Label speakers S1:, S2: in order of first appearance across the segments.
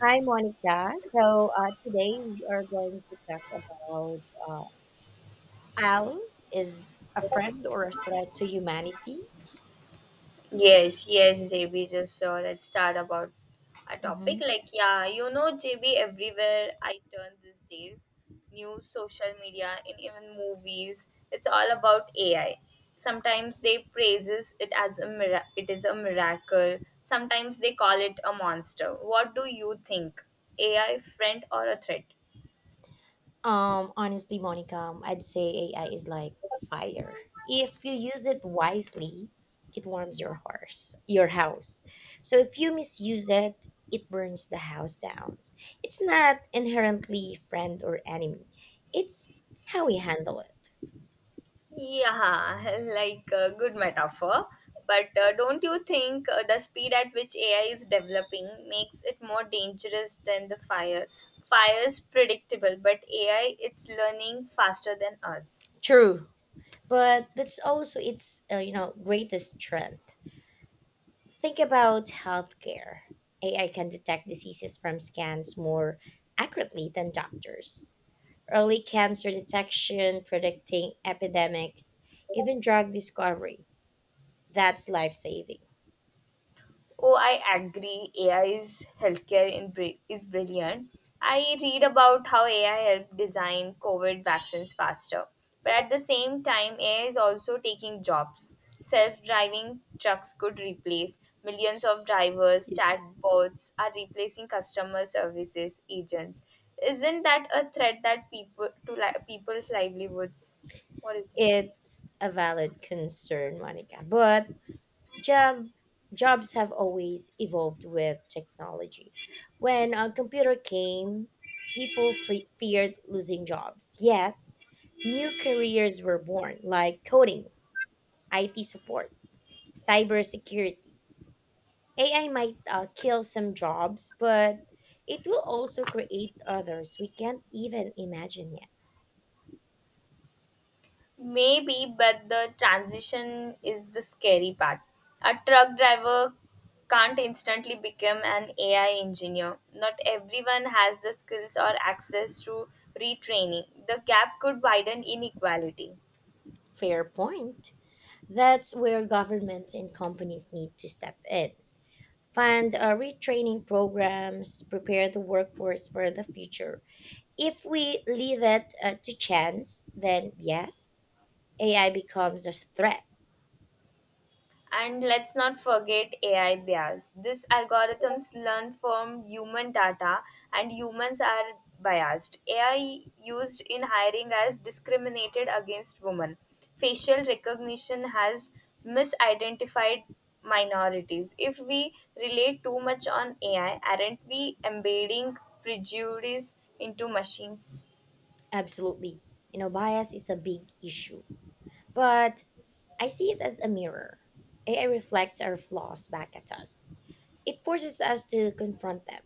S1: Hi, Monica. So today we are going to talk about uh, Al is a friend or a threat to humanity.
S2: Yes, yes, JB just saw us start about a topic.
S1: Mhm.
S2: Like, yeah, you know, JB, everywhere I turn these days, news, social media, and even movies, it's all about AI. Sometimes they praises it as it is a miracle. Sometimes they call it a monster. What do you think? AI friend or a threat?
S1: Honestly, Monica, I'd say AI is like fire. If you use it wisely, it warms your horse, your house. So if you misuse it, it burns the house down. It's not inherently friend or enemy. It's how we handle it.
S2: Yeah, like a good metaphor. But don't you think the speed at which AI is developing makes it more dangerous than the fire? Fire is predictable, but AI, it's learning faster than us.
S1: True, but that's also its greatest strength. Think about healthcare. AI can detect diseases from scans more accurately than doctors. Early cancer detection, predicting epidemics, even drug discovery. That's life-saving.
S2: Oh, I agree. AI's healthcare is brilliant. I read about how AI helped design COVID vaccines faster. But at the same time, AI is also taking jobs. Self driving trucks could replace millions of drivers,
S1: Yeah.
S2: chatbots are replacing customer services agents. Isn't that a threat that people's livelihoods? What do you think?
S1: It's a valid concern, Monica, but job jobs have always evolved with technology. When a computer came, people feared losing jobs. Yet, new careers were born, like coding, IT support, cybersecurity. AI might kill some jobs, but it will also create others we can't even imagine yet.
S2: Maybe, but the transition is the scary part. A truck driver can't instantly become an AI engineer. Not everyone has the skills or access to retraining. The gap could widen inequality.
S1: Fair point. That's where governments and companies need to step in. Fund retraining programs, prepare the workforce for the future. If we leave it to chance, then yes, AI becomes a threat.
S2: And let's not forget AI bias. These algorithms learn from human data, and humans are biased. AI used in hiring has discriminated against women. Facial recognition has misidentified minorities. If we rely too much on AI, aren't we embedding prejudice into machines?
S1: Absolutely. You know, bias is a big issue. But I see it as a mirror. AI reflects our flaws back at us, it forces us to confront them.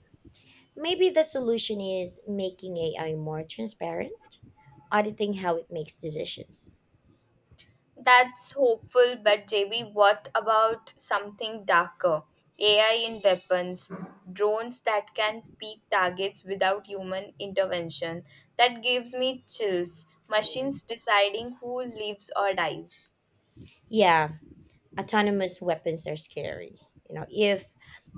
S1: Maybe the solution is making AI more transparent, auditing how it makes decisions.
S2: That's hopeful, but JB, what about something darker? AI in weapons, drones that can pick targets without human intervention. That gives me chills.
S1: Yeah.
S2: Machines deciding who lives or dies.
S1: Yeah. Autonomous weapons are scary. You know, if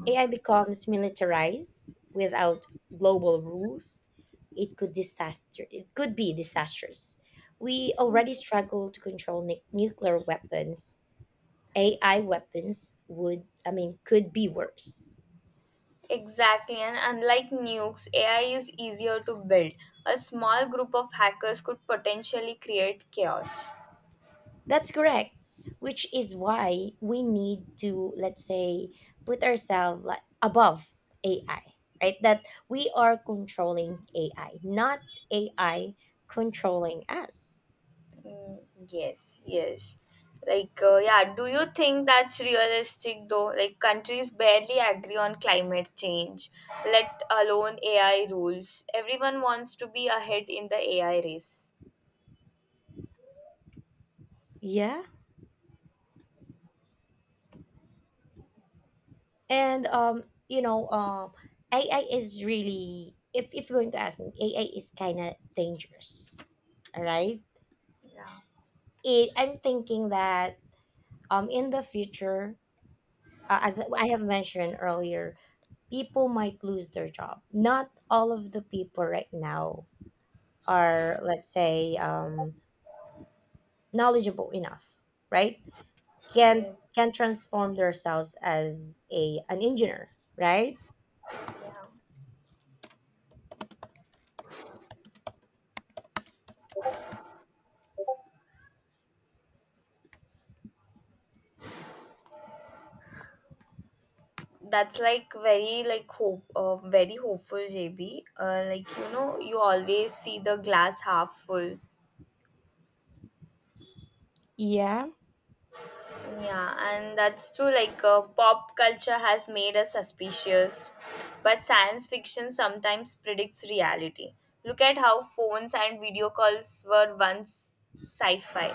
S1: AI becomes militarized without global rules, it could disaster. It could be disastrous. We already struggle to control nuclear weapons. AI weapons would, I mean, could be worse.
S2: Exactly, and unlike nukes, AI is easier to build. A small group of hackers could potentially create chaos.
S1: That's correct. Which is why we need to, let's say, put ourselves like above AI, right? That we are controlling AI, not AI controlling us.
S2: Mm, yes, yes. Like, yeah, do you think that's realistic though? Like, countries barely agree on climate change, let alone AI rules. Everyone wants to be ahead in the AI race.
S1: Yeah. And AI is really if you're going to ask me, AI is kind of dangerous. All right.
S2: Yeah.
S1: I'm thinking that in the future, as I have mentioned earlier, people might lose their job. Not all of the people right now are, let's say, knowledgeable enough, right? Can
S2: Yes.
S1: can transform themselves as a an engineer, right?
S2: Yeah. That's like very like very hopeful, JB. Like you know, you always see the glass half full.
S1: Yeah,
S2: Yeah, and that's true. Like, pop culture has made us suspicious, but science fiction sometimes predicts reality. Look at how phones and video calls were once sci fi.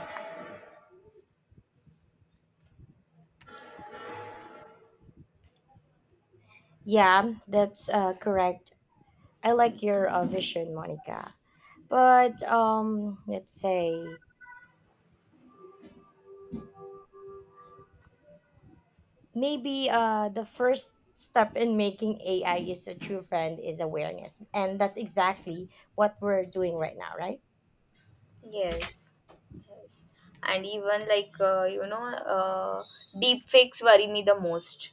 S1: yeah, that's correct. I like your vision, Monica. But let's say maybe the first step in making AI is a true friend is awareness, and that's exactly what we're doing right now, right?
S2: Yes, yes, and even like deep fakes worry me the most.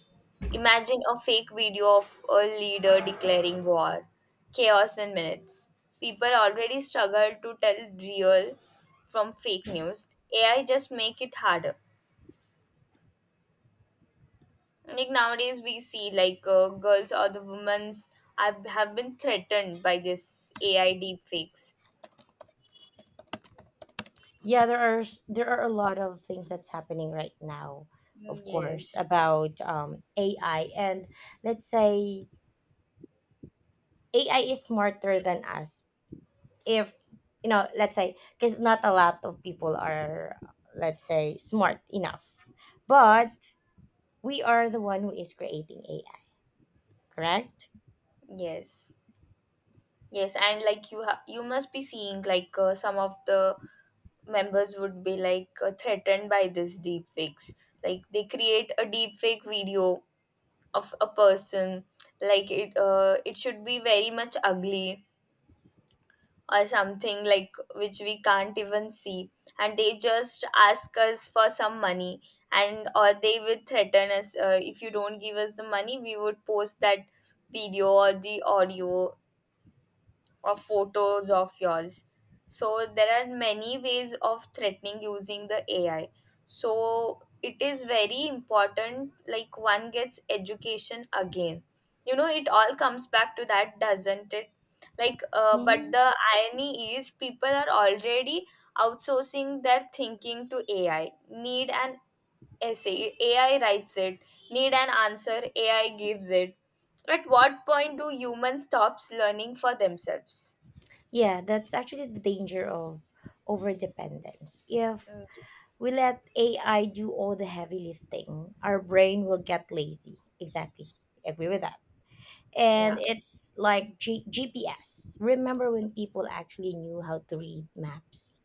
S2: Imagine a fake video of a leader declaring war, chaos in minutes. People already struggle to tell real from fake news. AI just make it harder. Like nowadays, we see like girls or the women's have been threatened by this AI deep fakes.
S1: Yeah, there are a lot of things that's happening right now,
S2: Mm,
S1: of course,
S2: yes,
S1: about AI and let's say AI is smarter than us. If let's say because not a lot of people are let's say smart enough, but
S2: yes,
S1: we are the one who is creating AI, correct?
S2: yes. Yes, and like you must be seeing like some of the members would be like threatened by this deep fakes. Like they create a deep fake video of a person like it should be very much ugly or something like which we can't even see and they just ask us for some money and or they would threaten us if you don't give us the money we would post that video or the audio or photos of yours. So there are many ways of threatening using the AI. So it is very important, like one gets education again. You know, it all comes back to that, doesn't it? Like,
S1: Hmm.
S2: but the irony is people are already outsourcing their thinking to AI. Need an essay, AI writes it. Need an answer, AI gives it. At what point do humans stops learning for themselves?
S1: Yeah, that's actually the danger of overdependence. If
S2: Uh,
S1: we let AI do all the heavy lifting, our brain will get lazy. Exactly. Agree with that. And
S2: yeah.
S1: it's like GPS. Remember when people actually knew how to read maps?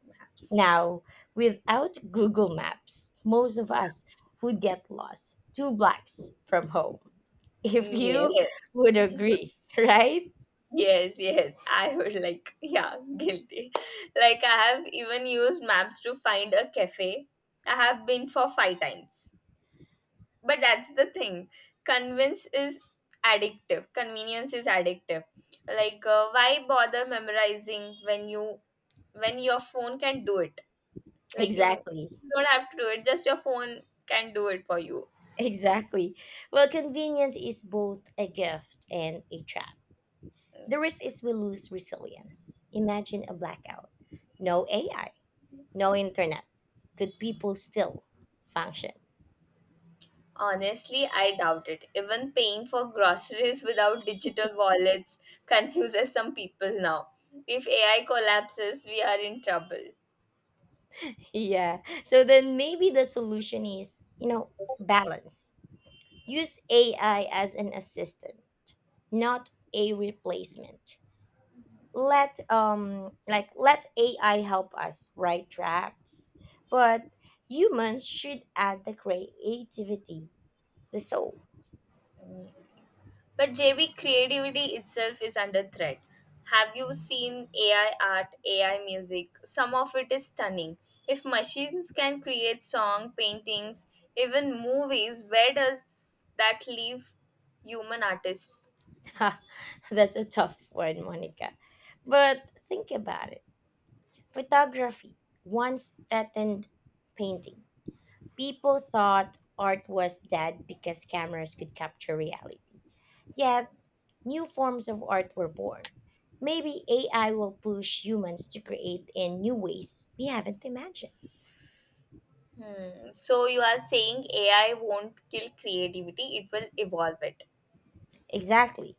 S1: Now, without Google Maps, most of us would get lost two blocks from home. If
S2: Mm, yes.
S1: you would agree, right?
S2: Yes, yes. I would like, yeah, guilty. Like, I have even used maps to find a cafe. I have been for five times. But that's the thing. Convince is addictive. Convenience is addictive. Like, why bother memorizing when your phone can do it? Like, you
S1: Exactly.
S2: don't have to do it. Just your phone can do it for you.
S1: Exactly. Well, convenience is both a gift and a trap. The risk is we lose resilience. Imagine a blackout. No AI, no internet. Could people still function?
S2: Honestly, I doubt it. Even paying for groceries without digital wallets confuses some people now. If AI collapses, we are in trouble.
S1: Yeah. So then maybe the solution is, balance. Use AI as an assistant, not a replacement. Let AI help us write drafts, but humans should add the creativity, the soul.
S2: But JB, creativity itself is under threat. Have you seen AI art, AI music? Some of it is stunning. If machines can create song, paintings, even movies, where does that leave human artists?
S1: Ha, that's a tough one, Monica. But think about it. Photography once threatened painting. People thought art was dead because cameras could capture reality. Yet, new forms of art were born. Maybe AI will push humans to create in new ways we haven't imagined.
S2: Hmm. So you are saying AI won't kill creativity, it will evolve it.
S1: Exactly.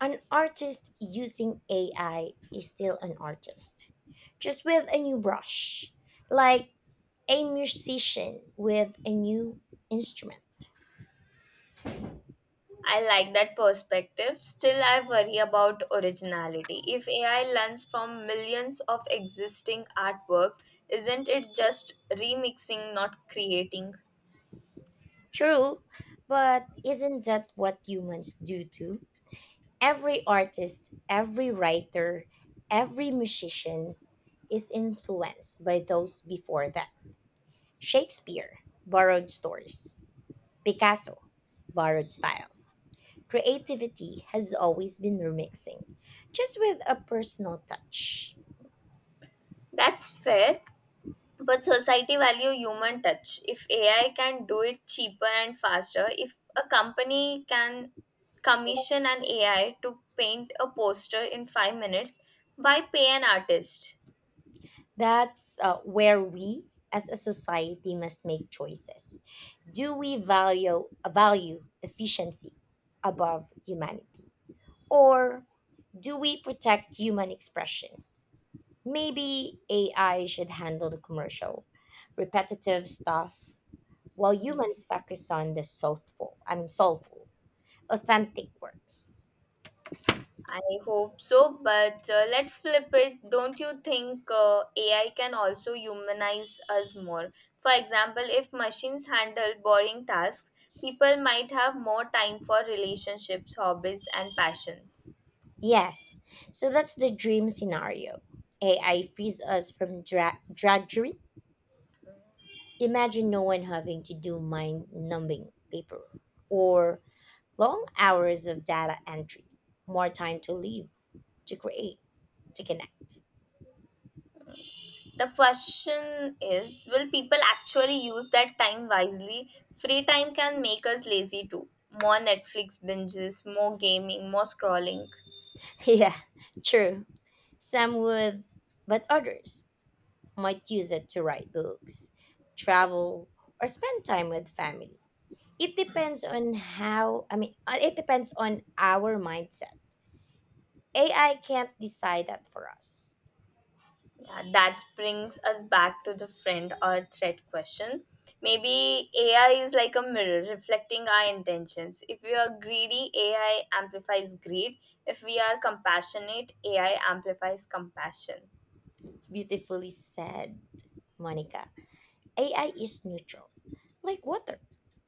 S1: An artist using AI is still an artist, just with a new brush. Like a musician with a new instrument.
S2: I like that perspective. Still, I worry about originality. If AI learns from millions of existing artworks, isn't it just remixing, not creating?
S1: True, but isn't that what humans do too? Every artist, every writer, every musician is influenced by those before them. Shakespeare borrowed stories, Picasso borrowed styles. Creativity has always been remixing, just with a personal touch.
S2: That's fair, but society value human touch. If AI can do it cheaper and faster, if a company can commission an AI to paint a poster in 5 minutes, why pay an artist?
S1: That's where we as a society must make choices. Do we value efficiency above humanity or do we protect human expressions? Maybe AI should handle the commercial repetitive stuff while
S2: Mm,
S1: humans focus on the soulful, I mean soulful, authentic works.
S2: I hope so, but let's flip it. Don't you think AI can also humanize us more? For example, if machines handle boring tasks, people might have more time for relationships, hobbies, and passions.
S1: Yes. So that's the dream scenario. AI frees us from drudgery. Imagine no one having to do mind numbing paperwork or long hours of data entry, more time to live, to create, to connect.
S2: The question is will people actually use that time wisely? Free time can make us lazy too. More Netflix binges, more gaming, more scrolling.
S1: Yeah, true. Some would, but others might use it to write books, travel, or spend time with family. It depends on how, I mean, it depends on our mindset. AI can't decide that for us.
S2: Yeah, that brings us back to the friend or threat question. Maybe AI is like a mirror reflecting our intentions. If we are greedy, AI amplifies greed. If we are compassionate, AI amplifies compassion.
S1: Beautifully said, Monica. AI is neutral, like water.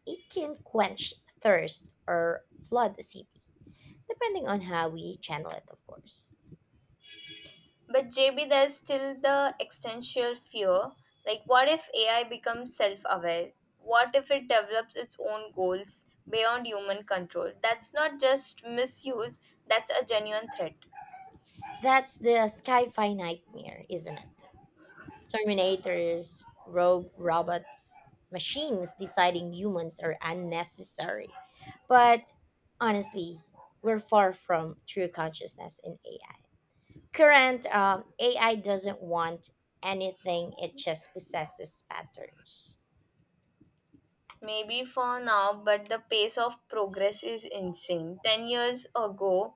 S1: It can quench thirst or flood a city, depending on how we channel it, of course.
S2: But JB, there's still the existential fear. Like, what if AI becomes self aware? What if it develops its own goals beyond human control? That's not just misuse, that's a genuine threat.
S1: That's the sci fi nightmare, isn't it? Terminators, rogue robots, machines deciding humans are unnecessary. But honestly, we're far from true consciousness in AI. Current AI doesn't want anything, it just possesses patterns.
S2: Maybe for now, but the pace of progress is insane. 10 years ago,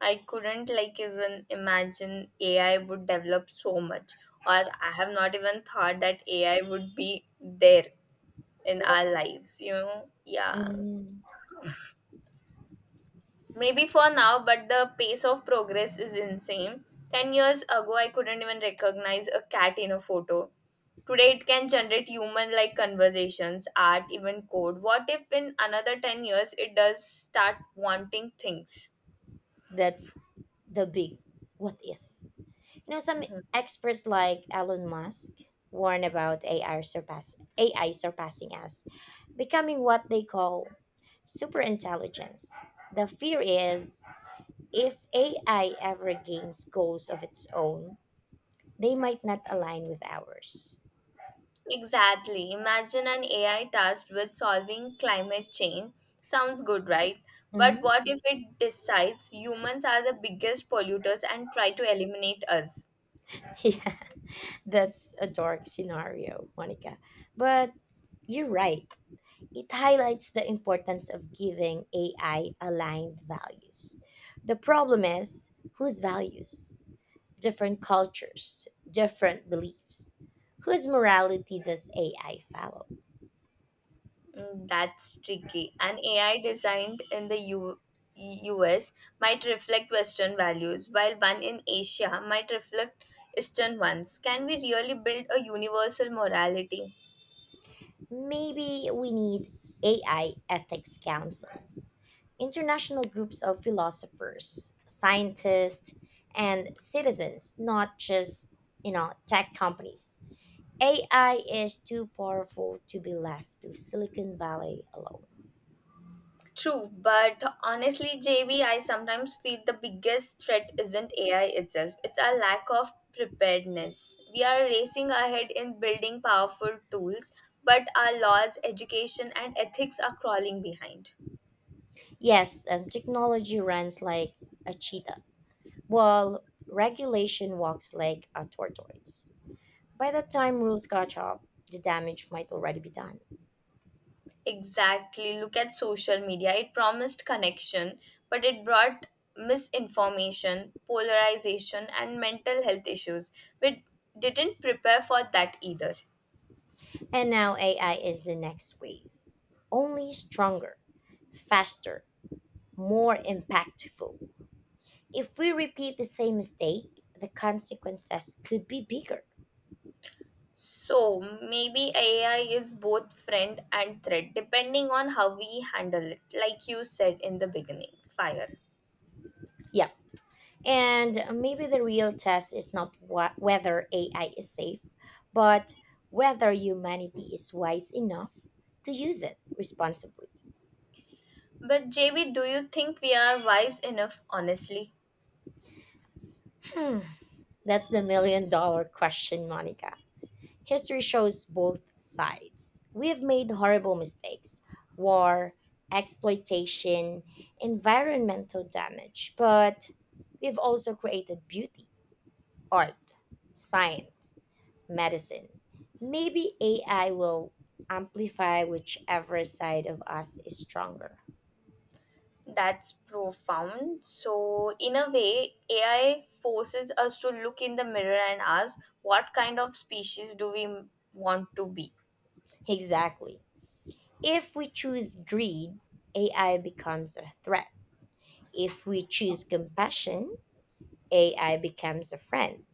S2: I couldn't like even imagine AI would develop so much, or I have not even thought that AI would be there in our lives, you know? Yeah.
S1: Mhm.
S2: Maybe for now, but the pace of progress is insane. 10 years ago, I couldn't even recognize a cat in a photo. Today, it can generate human like conversations, art, even code. What if in another 10 years it does start wanting things?
S1: That's the big what if. You know, some
S2: Mhm.
S1: experts like Elon Musk warn about AI surpassing us, becoming what they call superintelligence. The fear is if AI ever gains goals of its own, they might not align with ours.
S2: Exactly. Imagine an AI tasked with solving climate change. Sounds good, right? But
S1: Mhm.
S2: what if it decides humans are the biggest polluters and try to eliminate us?
S1: Yeah, that's a dark scenario, Monica. But you're right. It highlights the importance of giving AI aligned values. The problem is whose values? Different cultures, different beliefs. Whose morality does AI follow?
S2: That's tricky. An AI designed in the U. S. might reflect Western values, while one in Asia might reflect Eastern ones. Can we really build a universal morality?
S1: Maybe we need AI ethics councils, international groups of philosophers, scientists, and citizens, not just tech companies. AI is too powerful to be left to Silicon Valley alone.
S2: True, but honestly, J. V. I. sometimes feel the biggest threat isn't AI itself, it's our lack of preparedness. We are racing ahead in building powerful tools, but our laws, education, and ethics are crawling behind.
S1: Yes, technology runs like a cheetah, while regulation walks like a tortoise. By the time rules catch up, the damage might already be done.
S2: Exactly. Look at social media. It promised connection, but it brought misinformation, polarization, and mental health issues. We didn't prepare for that either.
S1: And now AI is the next wave, only stronger, faster, more impactful. If we repeat the same mistake, the consequences could be bigger.
S2: So maybe AI is both friend and threat depending on how we handle it, like you said in the beginning. Fire.
S1: Yeah. And maybe the real test is not whether AI is safe, but whether humanity is wise enough to use it responsibly.
S2: But JB, do you think we are wise enough, honestly?
S1: Hmm, that's the million dollar question, Monica. History shows both sides. We have made horrible mistakes: war, exploitation, environmental damage, but we've also created beauty: art, science, medicine. Maybe AI will amplify whichever side of us is stronger.
S2: That's profound. So, in a way, AI forces us to look in the mirror and ask, what kind of species do we want to be?
S1: Exactly. If we choose greed, AI becomes a threat. If we choose compassion, AI becomes a friend.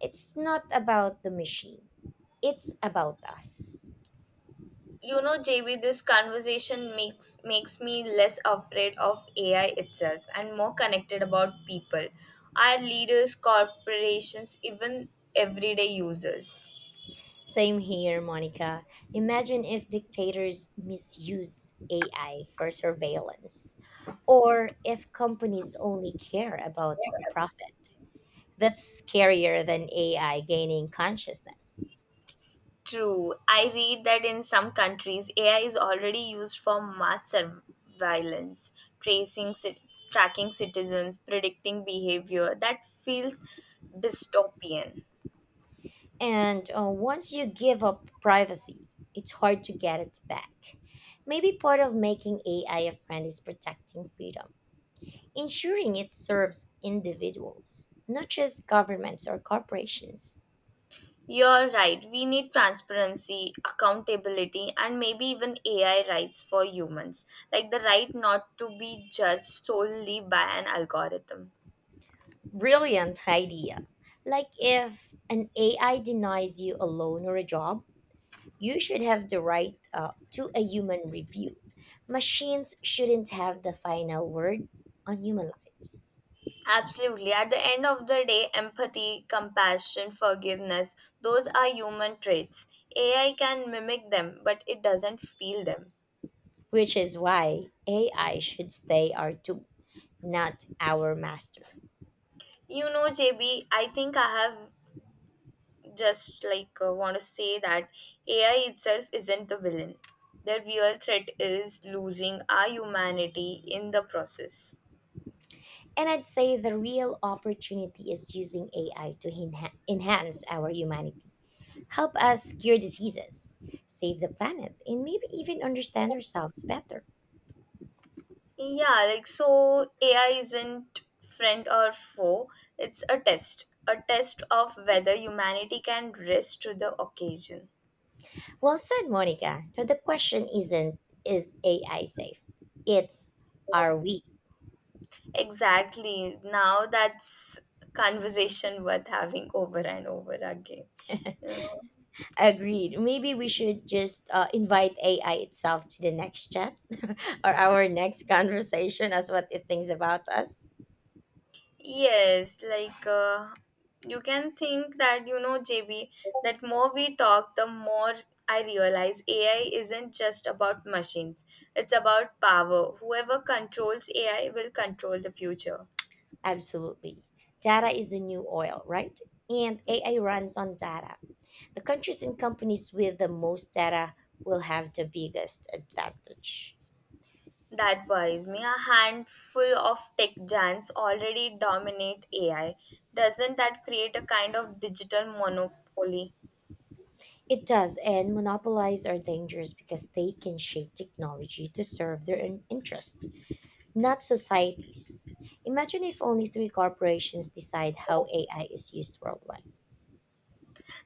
S1: It's not about the machine, it's about us.
S2: You know, JB, this conversation makes me less afraid of AI itself and more connected about people, our leaders, corporations, even everyday users.
S1: Same here, Monica. Imagine if dictators misuse AI for surveillance, or if companies only care about profit. That's scarier than AI gaining consciousness.
S2: True. I read that in some countries, AI is already used for mass surveillance, tracing, tracking citizens, predicting behavior. That feels dystopian.
S1: And once you give up privacy, it's hard to get it back. Maybe part of making AI a friend is protecting freedom, ensuring it serves individuals, not just governments or corporations.
S2: You're right. We need transparency, accountability, and maybe even AI rights for humans, like the right not to be judged solely by an algorithm.
S1: Brilliant idea. Like if an AI denies you a loan or a job, you should have the right to a human review. Machines shouldn't have the final word on human lives,
S2: Absolutely. At the end of the day, empathy, compassion, forgiveness, those are human traits. AI can mimic them, but it doesn't feel them.
S1: which is why AI should stay our tool, not our master.
S2: You know, JB, I think I have just like want to say that AI itself isn't the villain. The real threat is losing our humanity in the process.
S1: And I'd say the real opportunity is using AI to enhance our humanity, help us cure diseases, save the planet, and maybe even understand ourselves better.
S2: Yeah, like so AI isn't friend or foe. It's a test. A test of whether humanity can rise to the occasion.
S1: Well said, Monica. No, the question isn't, is AI safe? It's, are we?
S2: Exactly. Now that's conversation worth having over and over again. You know?
S1: Agreed. Maybe we should just invite AI itself to the next chat, or our next conversation as what it thinks about us.
S2: Yes, like you can think that, you know, JB, that more we talk, the more I realize AI isn't just about machines, it's about power. Whoever controls AI will control the future.
S1: Absolutely. Data is the new oil, right? And
S2: Yeah.
S1: AI runs on data. The countries and companies with the most data will have the biggest advantage.
S2: That worries me. A handful of tech giants already dominate AI. Doesn't that create a kind of digital monopoly?
S1: It does, and monopolies are dangerous because they can shape technology to serve their own interest, not societies. Imagine if only three corporations decide how AI is used worldwide.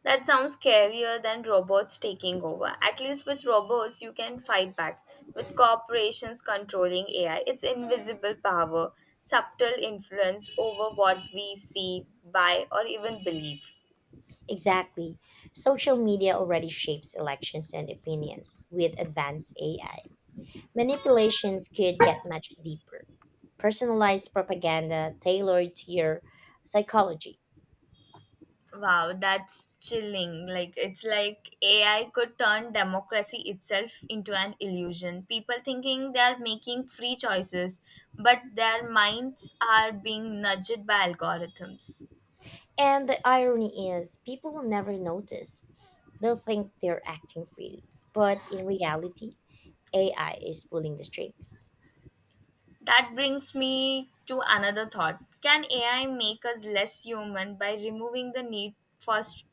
S2: That sounds scarier than robots taking over. At least with robots, you can fight back. With corporations controlling AI, it's invisible power, subtle influence over what we see, buy, or even believe.
S1: Exactly. Social media already shapes elections and opinions with advanced AI. Manipulations could get much deeper. Personalized propaganda tailored to your psychology.
S2: Wow, that's chilling. Like, it's like AI could turn democracy itself into an illusion. People thinking they're making free choices, but their minds are being nudged by algorithms.
S1: And the irony is, people will never notice. They'll think they're acting freely. But in reality, AI is pulling the strings.
S2: That brings me to another thought. Can AI make us less human by removing the need for st-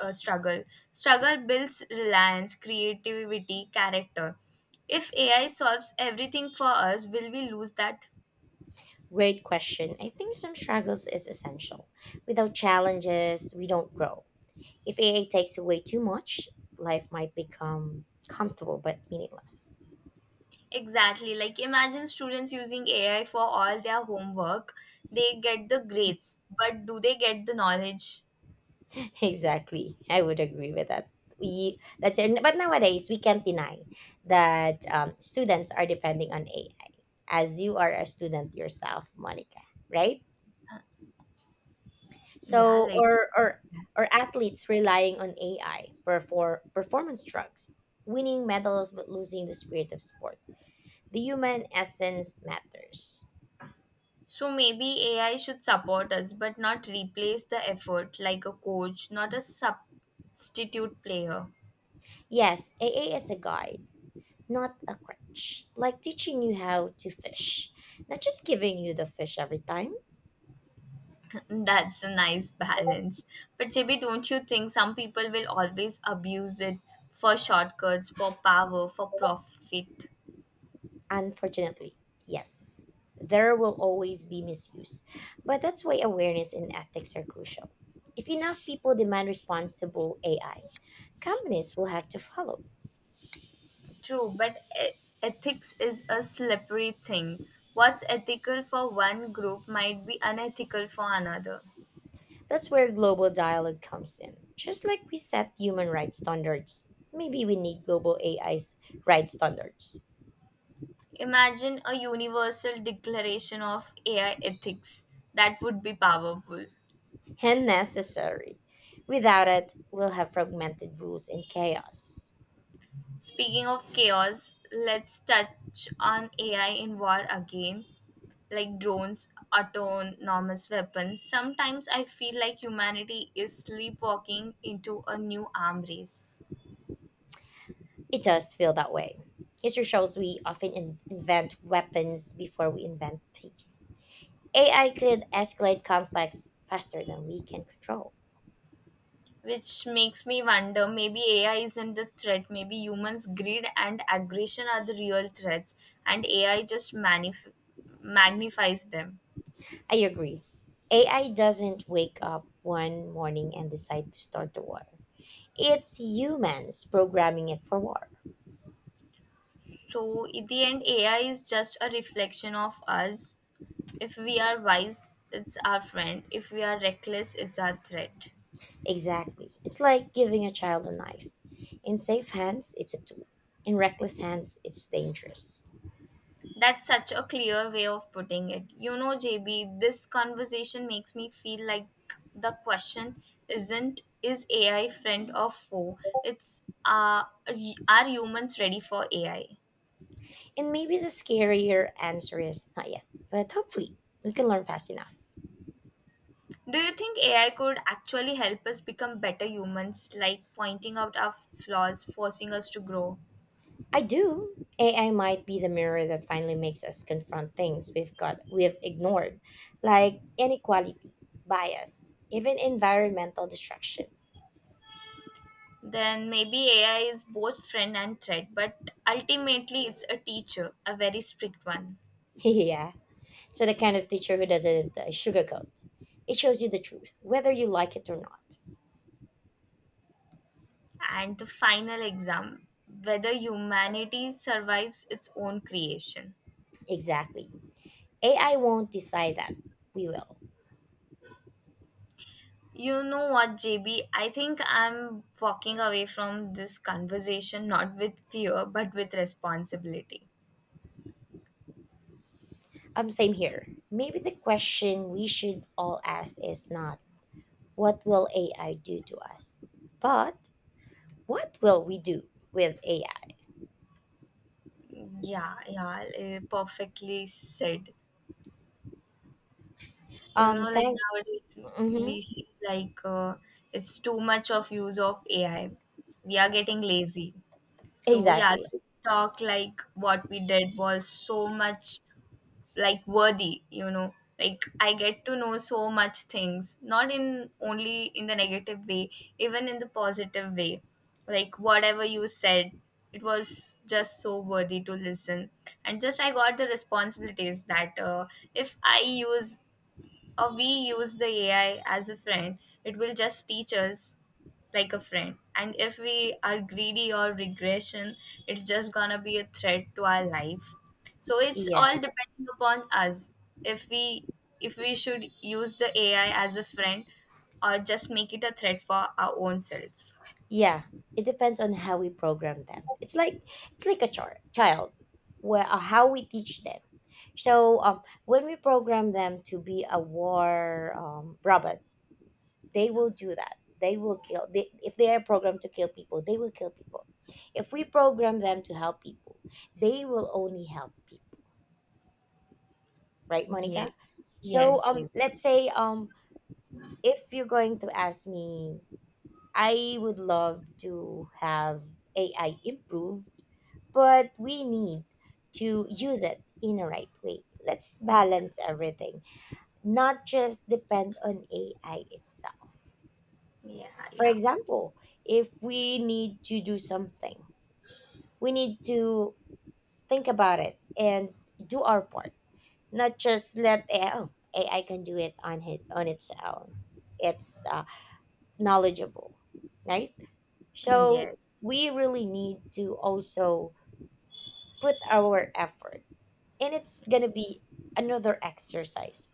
S2: uh, struggle? Struggle builds reliance, creativity, character. If AI solves everything for us, will we lose that?
S1: Great question. I think some struggles is essential. Without challenges, we don't grow. If AI takes away too much, life might become comfortable but meaningless.
S2: Exactly. Like imagine students using AI for all their homework. They get the grades, but do they get the knowledge?
S1: Exactly. I would agree with that. We, that's it. But nowadays, we can't deny that students are depending on AI, as you are a student yourself, Monica, right?
S2: Yeah,
S1: So,
S2: like
S1: or athletes relying on AI performance drugs, winning medals but losing the spirit of sport. The human essence matters.
S2: so maybe AI should support us but not replace the effort like a coach, not a substitute player.
S1: Yes, AA is a guide, not a crutch, like teaching you how to fish, not just giving you the fish every time.
S2: That's a nice balance. But JB, don't you think some people will always abuse it for shortcuts, for power, for profit?
S1: Unfortunately, yes, there will always be misuse, but that's why awareness and ethics are crucial. If enough people demand responsible AI, companies will have to follow.
S2: True, but ethics is a slippery thing. What's ethical for one group might be unethical for another.
S1: That's where global dialogue comes in. Just like we set human rights standards, maybe we need global AI's rights standards.
S2: Imagine a universal declaration of AI ethics. That would be powerful.
S1: And necessary. Without it, we'll have fragmented rules and chaos.
S2: Speaking of chaos, let's touch on AI in war again, like drones, autonomous weapons. Sometimes I feel like humanity is sleepwalking into a new arm race,
S1: It does feel that way. History shows we often invent weapons before we invent peace. AI could escalate conflicts faster than we can control.
S2: which makes me wonder maybe AI isn't the threat, maybe humans' greed and aggression are the real threats, and AI just magnifies them.
S1: I agree. AI doesn't wake up one morning and decide to start the war. It's humans programming it for war.
S2: So, in the end, AI is just a reflection of us. If we are wise, it's our friend. If we are reckless, it's our threat.
S1: Exactly. It's like giving a child a knife. In safe hands, it's a tool. In reckless hands, it's dangerous.
S2: That's such a clear way of putting it. You know, JB, this conversation makes me feel like the question isn't is AI friend or foe? It's are humans ready for AI?
S1: And maybe the scarier answer is not yet. But hopefully, we can learn fast enough.
S2: Do you think AI could actually help us become better humans, like pointing out our flaws, forcing us to grow?
S1: I do. AI might be the mirror that finally makes us confront things we've ignored, like inequality, bias, even environmental destruction.
S2: Then maybe AI is both friend and threat, but ultimately it's a teacher, a very strict one.
S1: Yeah. So the kind of teacher who doesn't sugarcoat. It shows you the truth, whether you like it or not.
S2: And the final exam, whether humanity survives its own creation.
S1: Exactly. AI won't decide that. We will.
S2: You know what, JB? I think I'm walking away from this conversation not with fear but with responsibility.
S1: Same here. Maybe the question we should all ask is not what will AI do to us, but what will we do with AI?
S2: Yeah, yeah, perfectly said. You
S1: Um,
S2: know, like
S1: thanks.
S2: nowadays we
S1: Mm-hmm.
S2: see like it's too much of use of AI. We are getting lazy. So yeah,
S1: Exactly.
S2: this talk like what we did was so much like worthy, you know. Like I get to know so much things, not in only in the negative way, even in the positive way. Like whatever you said, it was just so worthy to listen. And just I got the responsibilities that if I use or we use the AI as a friend, it will just teach us like a friend. And if we are greedy or regression, it's just gonna be a threat to our life. So it's all
S1: Yeah.
S2: depending upon us. If we if we should use the AI as a friend or just make it a threat for our own self.
S1: Yeah. It depends on how we program them. It's like a child, where how we teach them. So when we program them to be a war robot, they
S2: Yeah.
S1: will do that. They will kill. If they are programmed to kill people, they will kill people. If we program them to help people, they will only help people. Right, Monica?
S2: Yes.
S1: So
S2: Yes,
S1: um,
S2: JB.
S1: let's say if you're going to ask me I would love to have AI improved, but we need to use it in a right way. Let's balance everything, not just depend on AI itself.
S2: Yeah,
S1: For
S2: yeah.
S1: example, if we need to do something, we need to think about it and do our part, not just let AI, oh, AI can do it on, his, on its own. It's knowledgeable, right? So
S2: Yes.
S1: we really need to also put our effort, and it's gonna be another exercise